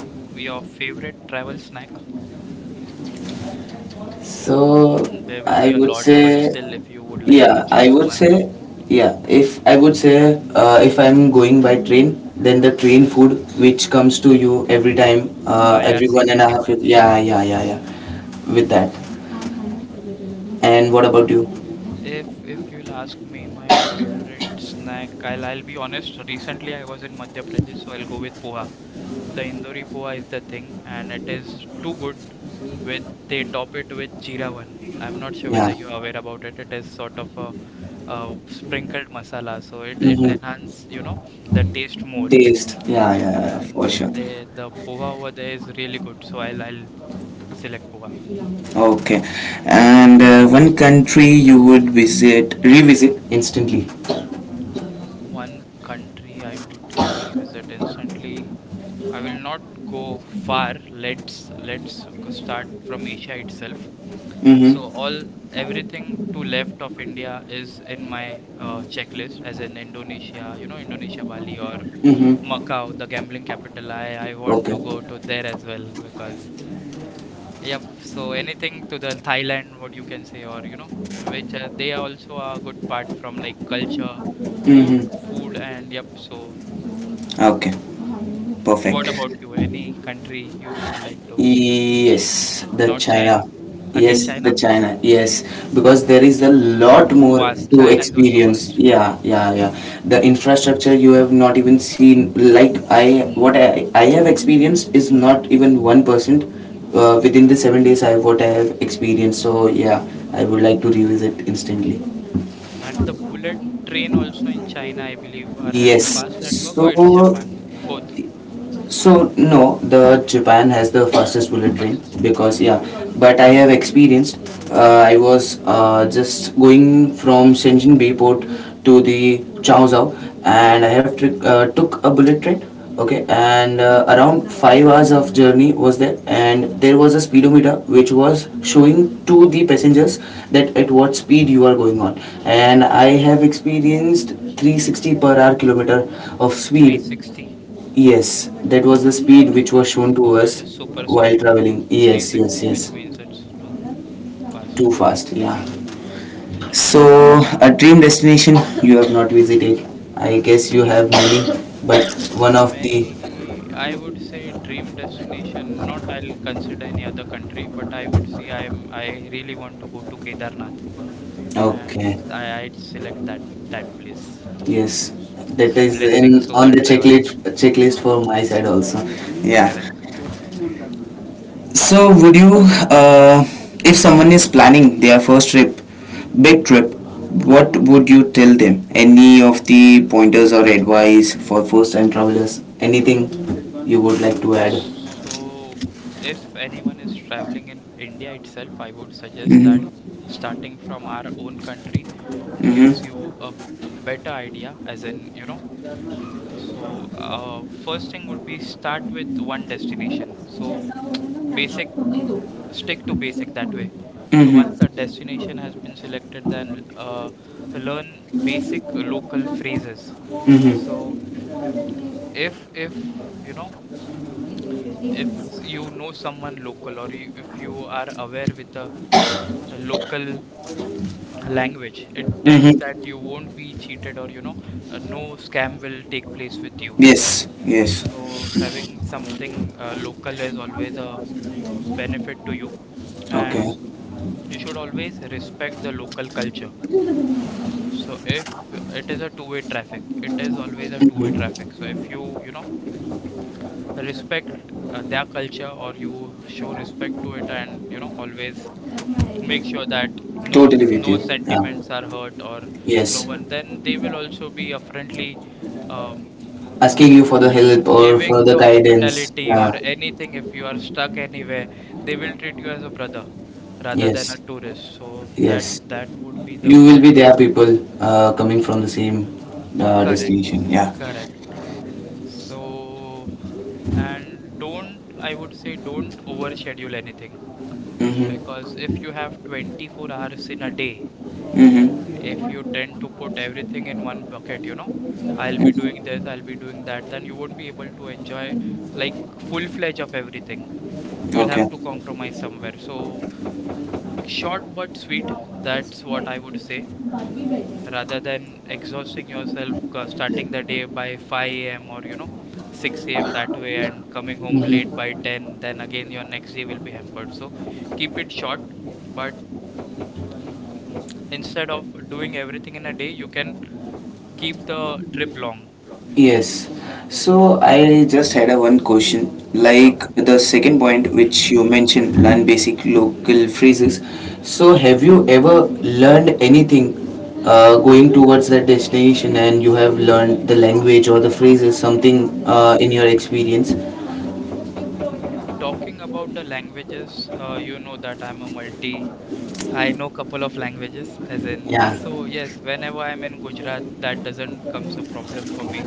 your favorite travel snack? So There will I be a would lot, but say, still if you would like to yeah, I choose would one, say, yeah. If I would say, if I'm going by train, then the train food which comes to you every time, the every one and a IRCTC half. one. Yeah, yeah, yeah, yeah. With that. And what about you? If you'll ask me my favorite snack, I'll be honest. Recently, I was in Madhya Pradesh, so I'll go with poha. The Indori poha is the thing, and it is too good. With they top it with jeera one. I'm not sure whether Yeah. you're aware about it. It is sort of a, sprinkled masala, so it Mm-hmm. enhance you know the taste more. Taste. Yeah, yeah, yeah, for sure. And they the poha over there is really good, so I'll select poha. Okay. And one country you would revisit instantly. One country I would revisit instantly. I will not go far. Let's go start from Asia itself. So Mm-hmm. all everything to left of India is in my checklist, as in Indonesia, you know, Indonesia, Bali, or Mm-hmm. Macau, the gambling capital. I want to go Okay. to there as well because yep. So anything to the Thailand, what you can say, or you know, which they are also a good part from like culture, food, Mm-hmm. food, and yep. So Okay. what Perfect. about you? Any country you would like to? Yes, the Not China. China. Again, Yes, the China, China. Yes, because there is a lot vast. more China to is also vast. experience. Yeah, yeah, yeah. The infrastructure you have not even seen. Like what I have experienced is not even 1%. Within the 7 days, I have what I have experienced. So yeah, I would like to revisit instantly. And the bullet train also in China, I believe, are having Yes. fast network or it's So Japan. Both So no, the Japan has the fastest bullet train, fastest. because yeah, but I have experienced. I was just going from Shenzhen Bayport to the Chaozhou, and I have took a bullet train. Okay, and around 5 hours of journey was there, and there was a speedometer which was showing to the passengers that at what speed you are going on, and I have experienced 360 per hour kilometer of speed. 360, Yes, that was the speed which was shown to that us is while supersonic. traveling. Yes, yes, 360, which yes. means it's too fast. Too fast, yeah. So, a dream destination you have not visited. I guess you have many, but one of the Many, I would say dream destination, not I'll consider any other country, but I would say I'm, I really want to go to Kedarnath okay, and I, I'd select that that place. yes, that So is blessings in on over the travel. checklist Eh, for my side also. Yeah. correct. So, would you, uh, if someone is planning their first trip, big trip, what would you tell them? Any of the pointers or advice for first time travelers? Anything you would like to add? So if anyone is traveling in India itself, I would suggest that Mm-hmm. starting from our own country gives you Mm-hmm. a better idea, as in, you know, so first thing would be start with one destination. So basic, stick to basic that way. So once Mm-hmm. the destination has been selected, then learn basic local phrases. So Mm-hmm. if you know if you know someone local or you, if you are aware with the local language, it tends Mm-hmm. that you won't be cheated or you know no scam will take place with you, Yes. Yes. so having something local is always a benefit to you. And Okay. you should always respect the local culture. So if it is a two-way traffic, it is always a two-way Mm-hmm. traffic. So if you, you know, respect their culture or you show respect to it, and you know always make sure that no Totally with no you. Yeah. sentiments are hurt or no Yes. one, then they will also be a friendly um, Asking you for the help or for giving the the guidance. hospitality or Yeah. anything. If you are stuck anywhere, they will treat you as a brother rather than a Yes. tourist. So that Yes. that would be the You will point. be there, people coming from the same Correct, destination. Yeah. correct. So and don't, I would say don't overschedule anything. Mm-hmm. Because if you have 24 hours in a day, Mm-hmm. if you tend to put everything in one bucket, you know, I'll be doing Mm-hmm. this, I'll be doing that, then you won't be able to enjoy like full-fledged of everything. You'll Okay. have to compromise somewhere. So short but sweet, that's what I would say, rather than exhausting yourself, starting the day by 5 a.m. or, you know, 6 a.m. that way and coming home late by Mm-hmm. 10, then again your next day will be hampered. So keep it short. But instead of doing everything in a day, you can keep the trip long. Yes. So So, I just had a one question. sure. Like the second point which you mentioned, learn basic local phrases. So, have you ever learned anything going towards that destination, and you have learned the language or the phrases, something uh, in your experience? Talking about the languages, you know that I'm a multi, I know couple of languages as in, Yeah. so yes, whenever I'm in Gujarat, that doesn't comes a problem for me.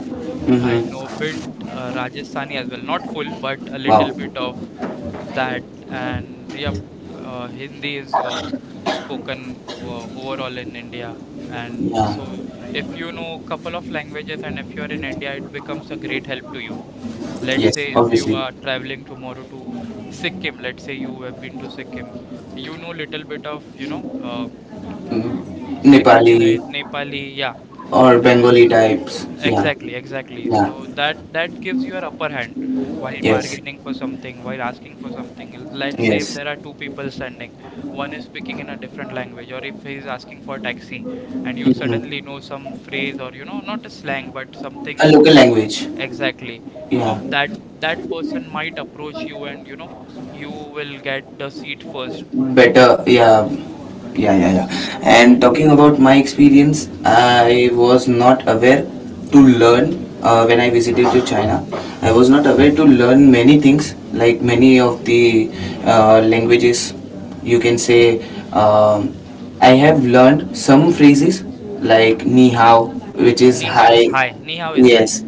I know a Mm-hmm. bit Rajasthani as well, not full, but a little Wow. bit of that. And yep, Hindi is spoken overall in India. And Yeah. so, if you know couple of languages and if you're in India, it becomes a great help to you. Let's Yes, say if you obviously. are traveling tomorrow to Sikkim, let's say you have been to Sikkim, you know little bit of, you know, Mm, Sikkimese, Nepali right? Nepali, yeah, or and Bengali types. Yeah, exactly, exactly. yeah, So that that gives you an upper hand while yes, bargaining for something, while asking for something. Let's say if yes. there are two people standing, one is speaking in a different language or if he's asking for a taxi, and you Hmm. suddenly know some phrase or you know, not a slang but something, A local l- language. exactly Yeah, of that, that person might approach you and you know you will get the seat first. better, yeah, yeah, yeah, yeah, S- and so talking about my experience, mm, I was not aware to learn when I visited to China, I was not aware to learn many things, like many of the languages, you can say. um, I have learned some phrases, like ni hao, which is ni hao hi, is high, ni hao is high. yes.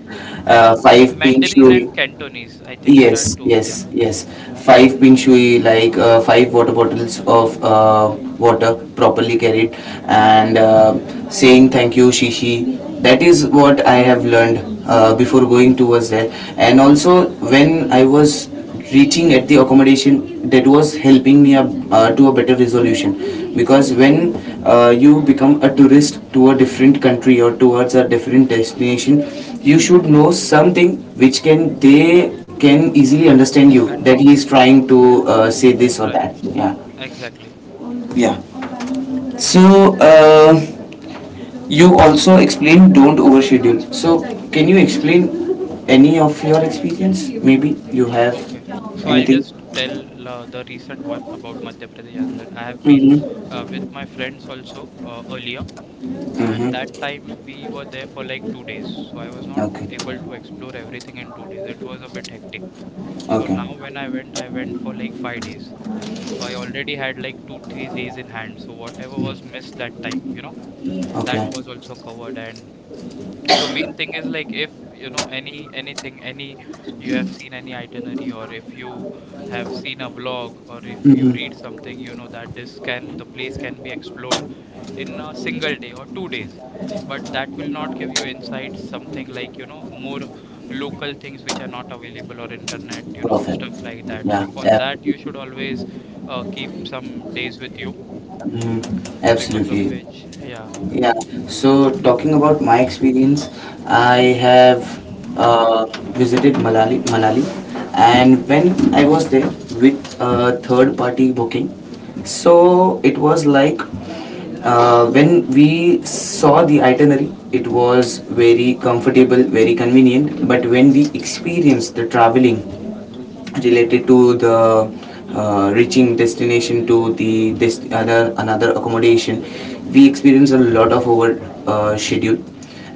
And Five pink Mandarin shui. and Cantonese. I think there are Yes, two. Yeah, yes, yes. yeah. Five pin shui, like five water bottles of water properly carried, and saying thank you, Shishi. That is what I have learned before going towards that. And also, when I was reaching at the accommodation, that was helping me up, to a better resolution, because when you become a tourist to a different country or towards a different destination, you should know something which can they can easily understand you, that he Understand. is trying to say this Is or trying. that, yeah, Exactly. yeah. So uh, you also explained don't overschedule. So can you explain any of your experience? Maybe you have Okay. So I'll anything? just tell the recent one about Madhya Pradesh. As I said, I have been Mm-hmm. With my friends also earlier, and that Mm-hmm. time we were there for like 2 days. So I was not Okay. able to explore everything in 2 days. It was a bit hectic. So Okay. now when I went for like 5 days. So I already had like two, 3 days in hand. So whatever was missed that time, you know, that Okay. was also covered. And so main thing is like if you know anything, any, you have seen any itinerary or if you have seen a vlog or if you read Mm-hmm. something, you know that this can, the place can be explored in a single day or 2 days, but that will not give you insights, something like you know more local things which are not available or internet, you know, Perfect. stuff like that. So Yeah. for that you should always keep some days with you Mm-hmm. because of Absolutely. which, yeah. Yeah. So talking about my experience, I have uh, visited Manali, and when I was there with third-party booking, so it was like when we saw the itinerary, it was very comfortable, very convenient. But when we experienced the traveling related to the reaching destination to the other another accommodation, we experienced a lot of over schedule,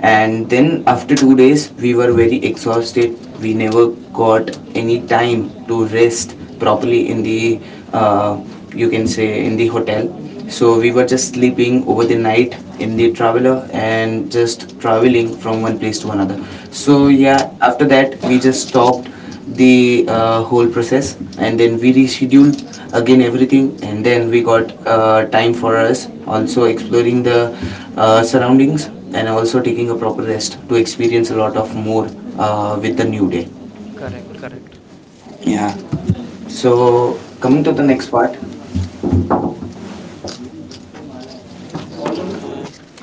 and then after 2 days we were very exhausted. We never got any time to rest properly in the uh, you can say in the hotel. So we were just sleeping over the night in the traveler and just traveling from one place to another. So Oh, yeah, after that we just stopped the whole process, and then we rescheduled again everything, and then we mhm. got time for us also exploring the surroundings, and also taking a proper rest to experience a lot of more with the new day. Correct, correct. Yeah. So coming to the next part. So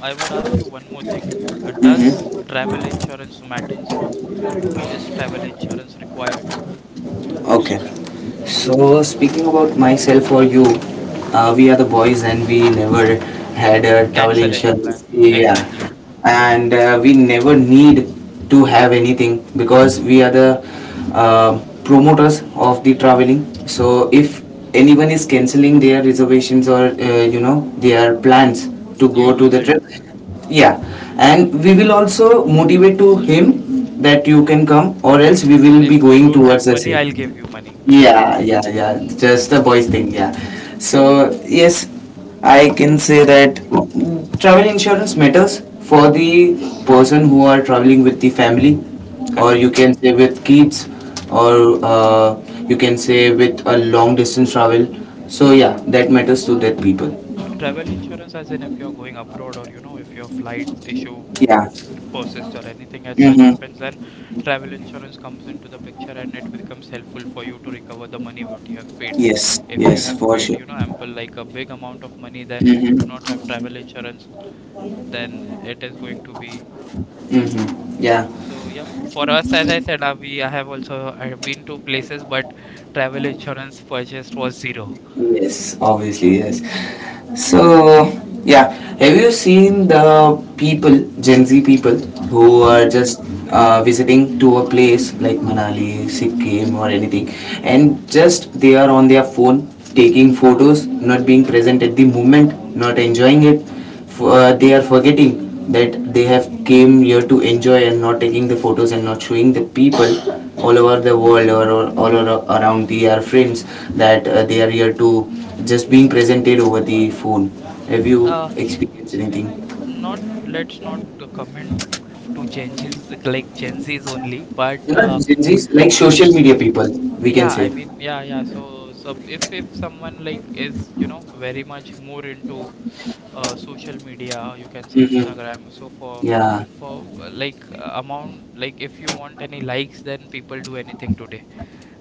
I would ask you one more thing. Does Mm-hmm. travel insurance matters? Is travel insurance required? Okay. So speaking about myself or you, we are the boys and we never had a travel Cancel any plan, insurance. Yeah, exactly. and we never need to have anything, because we are the uh, promoters of the traveling. So if anyone is canceling their reservations or their plans to You go to lose the it. trip, yeah, and we will also motivate to him that you can come, or else we will be If you going don't have towards the money, same. I'll give you money. Yeah, yeah, yeah. Just the boys thing, yeah. So, yes, I can say From, that travel insurance matters for the person who are traveling with the family, or correct. you can say with kids, or you can say with a long distance travel. So, yeah, that matters to that people. Travel insurance, as in if you're going abroad or you know, if your flight issue Yeah. persists or anything as such Mm-hmm. happens, then travel insurance comes into the picture and it becomes helpful for you to recover the money what you have paid. Yes. If you Yes, have for paid, sure. you know, ample like a big amount of money, then if you do not Mm-hmm. have travel insurance, then it is going to be Mm-hmm. Yeah. so. Yep. For us, as I said, we, I have also, I have been to places, but travel insurance purchased was 0. Yes, obviously, yes. So, yeah, have you seen the people, Gen Z people, who Mm-hmm. are just visiting to a place like Manali, Sikkim, or anything, and just they are on their phone taking photos, not being present at the moment, not enjoying it? For they are forgetting that they have came here to enjoy and not taking the photos and not showing the people all over the world, or all around the our friends that they are here to just being presented over the phone. Have you experienced anything? Not, let's not comment to Gen Z's like Gen Z's only, but You know, Gen Zs, like social s- media people, we can yeah, say. I mean, yeah, yeah. So, so if someone like is, you know, very much more into social media, you can say Mm-hmm. Instagram. So for Yeah, for like amount, like if you want any likes, then people do anything today.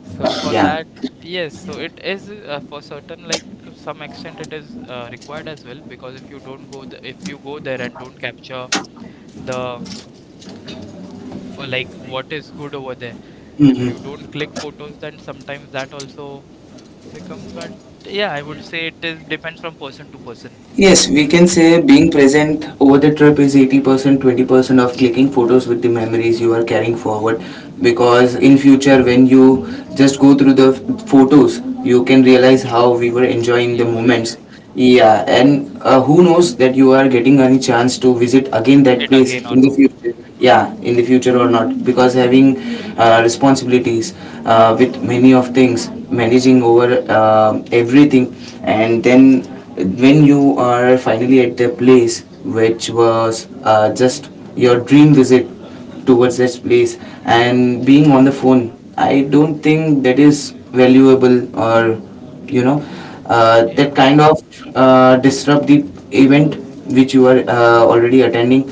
So for yeah. that. Yes, so it is for certain, like to some extent, it is required as well because if you don't go, th if you go there and don't capture the for like what is good over there. If you Mm-hmm. don't click photos, then sometimes that also becomes. But yeah, I would say it is depends from person to person. Yes, we can say being present over the trip is 80%, 20% of clicking photos with the memories you are carrying forward. Because in future, when you just go through the photos, you can realize how we were uh, enjoying the You were moments. enjoying Yeah, and who knows that you are getting any chance to visit again that it place again or in the no? future. Yeah, in the future or not, because having responsibilities with many of things, managing over everything, and then when you are finally at the place which was just your dream visit towards that place, and being on the phone, I don't think that is valuable, or you know that Yeah, kind of disrupt the event which you are already attending,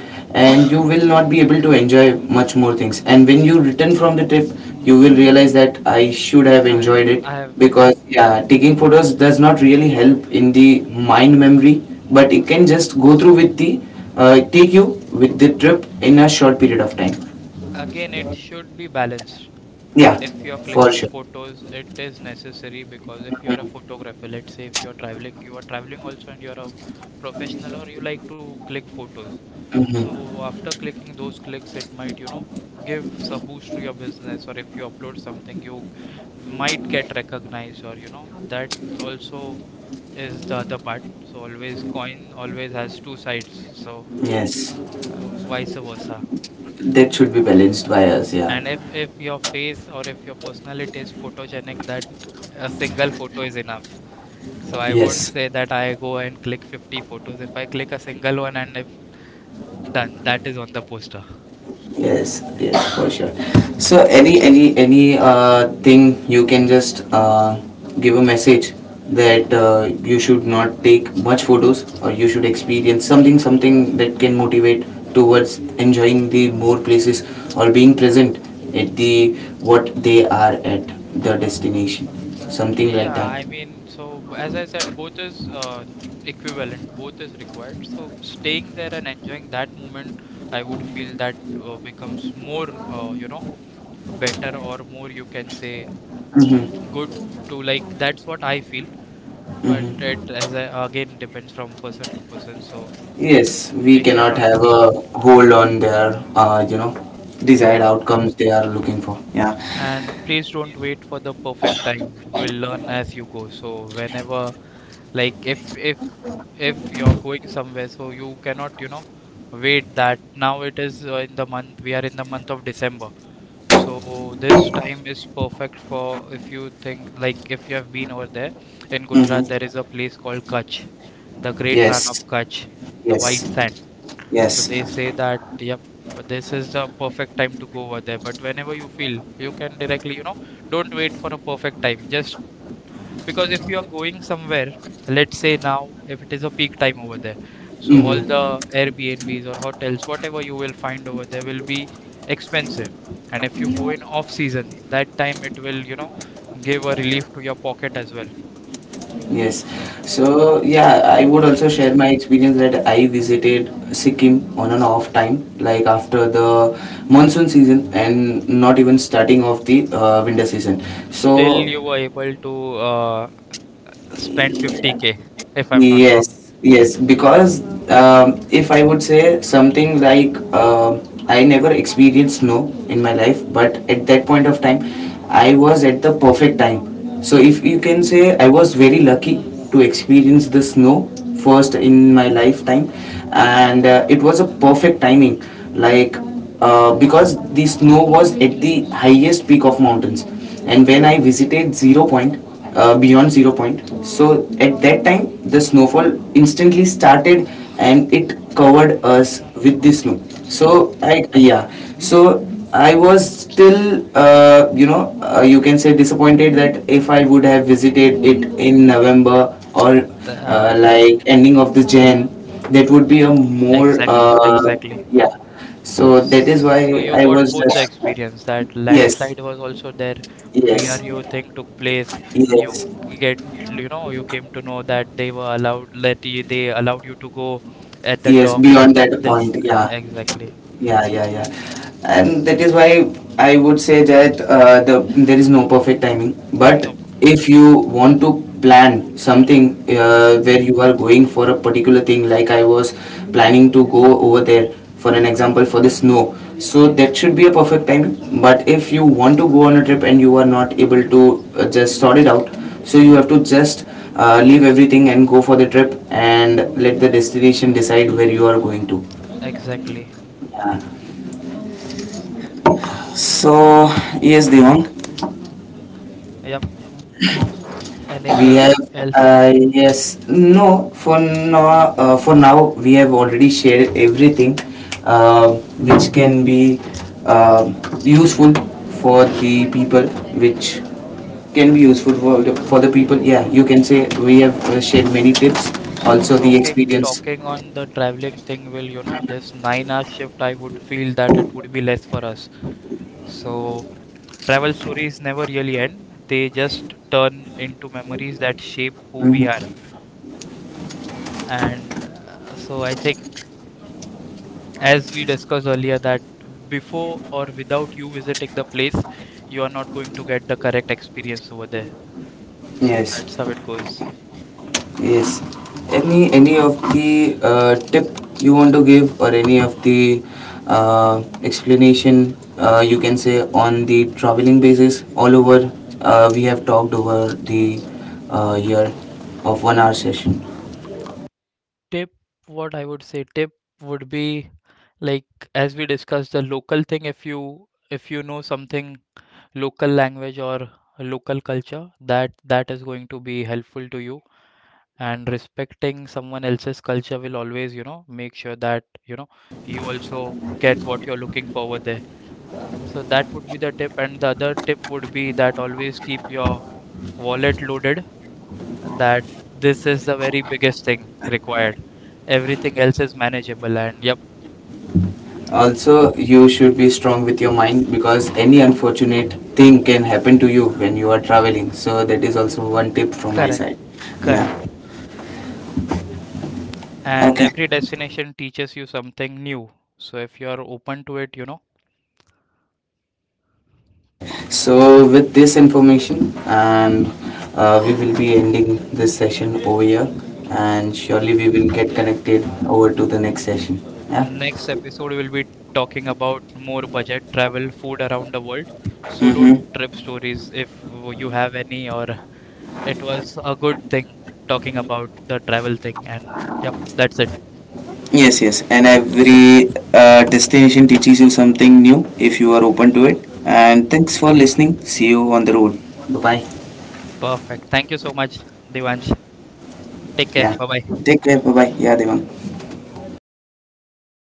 and you will not be able to enjoy much more things, and when you return from the trip, you will realize that I should have I enjoyed it, I have because yeah, taking photos does not really help in the mind memory, but it can just go through with the take you with the trip in a short period of time, again. It should be balanced. yeah, If you're for clicking sure. photos, it is necessary because if you are a Mhm. photographer, let's say if you're traveling, you are traveling also and you're a professional or you like to click photos. Mhm. So after clicking those clicks, it might, you know, gives a boost to your business, or if you upload something, you might get recognized, or you know, that also is the other part. So always coin always has two sides, so Yes, vice versa. that should be balanced by us, yeah. And if your face or if your personality is photogenic, that a single photo is enough. So I won't Yes. say that I go and click 50 photos. If I click a single one and if done, that is on the poster. Yes, yes, for sure. So any thing you can just give a message that you should not take much photos, or you should experience something that can motivate towards enjoying the more places, or being present at the what they are at the destination, something like Yeah, I that. mean, so as I said, both is equivalent, both is required. So staying there and enjoying that moment, I would feel that becomes more, you know, better or more you can say Mm-hmm. good to like that's what I feel. But it Mm-hmm. as I, again depends from person to person. So Yes, we we cannot cannot, have a hold on their desired yeah. outcomes they are looking for. And please don't wait for the perfect time. You will learn as you go. So whenever like if if you're going somewhere, so you cannot, you know, wait that now it is, in the month, we are in the month of December, so this time is perfect for if you think like if you have been over there. In Gujarat there Mm-hmm. is a place called Kutch, the Great Run Yes, of Kutch, the White yes, Sand, so yes. they say that yep, this is the perfect time to go over there, but whenever you feel you can directly, you know, don't wait for a perfect time just because if you are going somewhere, let's say now, if it is a peak time over there, so all the Mm-hmm. airbnbs or hotels whatever you will find over there will be expensive. And if you go in off season, that time it will, you know, give a relief to your pocket as well. Yes. So So yeah, I would also share my experience that I visited Sikkim on an off time, like after the monsoon season and not even starting of the winter season. still So you were able to uh, spend 50K, if I'm not wrong. yes, yes, because if I would say something like I never experienced snow in my life, but at that point of time, I was at the perfect time. So if you can say, I was very lucky to experience the snow first in my lifetime, and it was a perfect timing. Like because the snow was at the highest peak of mountains, and when I visited Zero Point, beyond Zero Point, so at that time the snowfall instantly started and it covered us with the snow, No, so I, yeah. So I was still you can say disappointed that if I would have visited it in November, or the, like ending of the Jan, that would be a more exactly, exactly. yeah. So that is So why you I got was both the just experience that yes, landslide was also there, yes, BRU thing took place. You yes, get, you know, you came to know that they were allowed, that they allowed you to go at the yes. top, and Beyond then that this, point, yeah. exactly. Yeah, yeah, yeah. And that is why I would say that there is no perfect timing. But No, if you want to plan something mm-hmm. Where you are going for a particular thing, like I was planning to go over there, for an example, for the snow, so that should be a perfect timing. But if you want to go on a trip and you are not able to just sort it out, so you have to just leave everything and go for the trip and let the destination decide where you are going to. Exactly. Yeah. S- So yes, Devang, Yep. we Anything have else? Yes. No, for now, we have already shared everything uh, which can be uh, useful for the people, which can be useful for the people, yeah, you can say we have shared many tips, So also the talking, experience. talking on the traveling thing will, you know, this 9 hour shift, I would feel that it would be less for us. So. Travel stories never really end, they just turn into memories that shape who we are. Mhm. And so I think, as we discussed earlier, that before or without you visiting the place, you are not going to get the correct experience over there. So Yes. that's how it goes. Yes. Any of the tip you want to give, or any of the explanation, you can say, on the traveling basis all over. We have talked over the year of 1 hour session. Tip, what I would say, tip would be like as we discussed the local thing, if you, if you know something, local language or local culture, that that is going to be helpful to you, and respecting someone else's culture will always, you know, make sure that you know you also get what you're looking forward there. So that would be the tip, and the other tip would be that always keep your wallet loaded. That this is the very biggest thing required, everything else is manageable. And yep, Also, you should be strong with your mind, because any unfortunate thing can happen to you when you are traveling. So that is also one tip from my correct, side. Yeah. correct. And Okay. every destination teaches you something new, so if you are open to it, you know. Okay, so with this information, and we will be ending this session over here, and surely Perfect. we will get connected over to the next session. Yeah. Next episode, we'll be talking about more budget travel, food around the world, solo Mm-hmm. trip stories, if you have any, or it was a good thing talking about the travel thing. And yep, that's it. Yes, yes. And every destination teaches you something new if you are open to it. And thanks for listening. See you on the road. Bye bye. Perfect. Thank you so much, Devansh. Take care. Yeah. Bye bye. Take care. Bye bye. Yeah, Devang.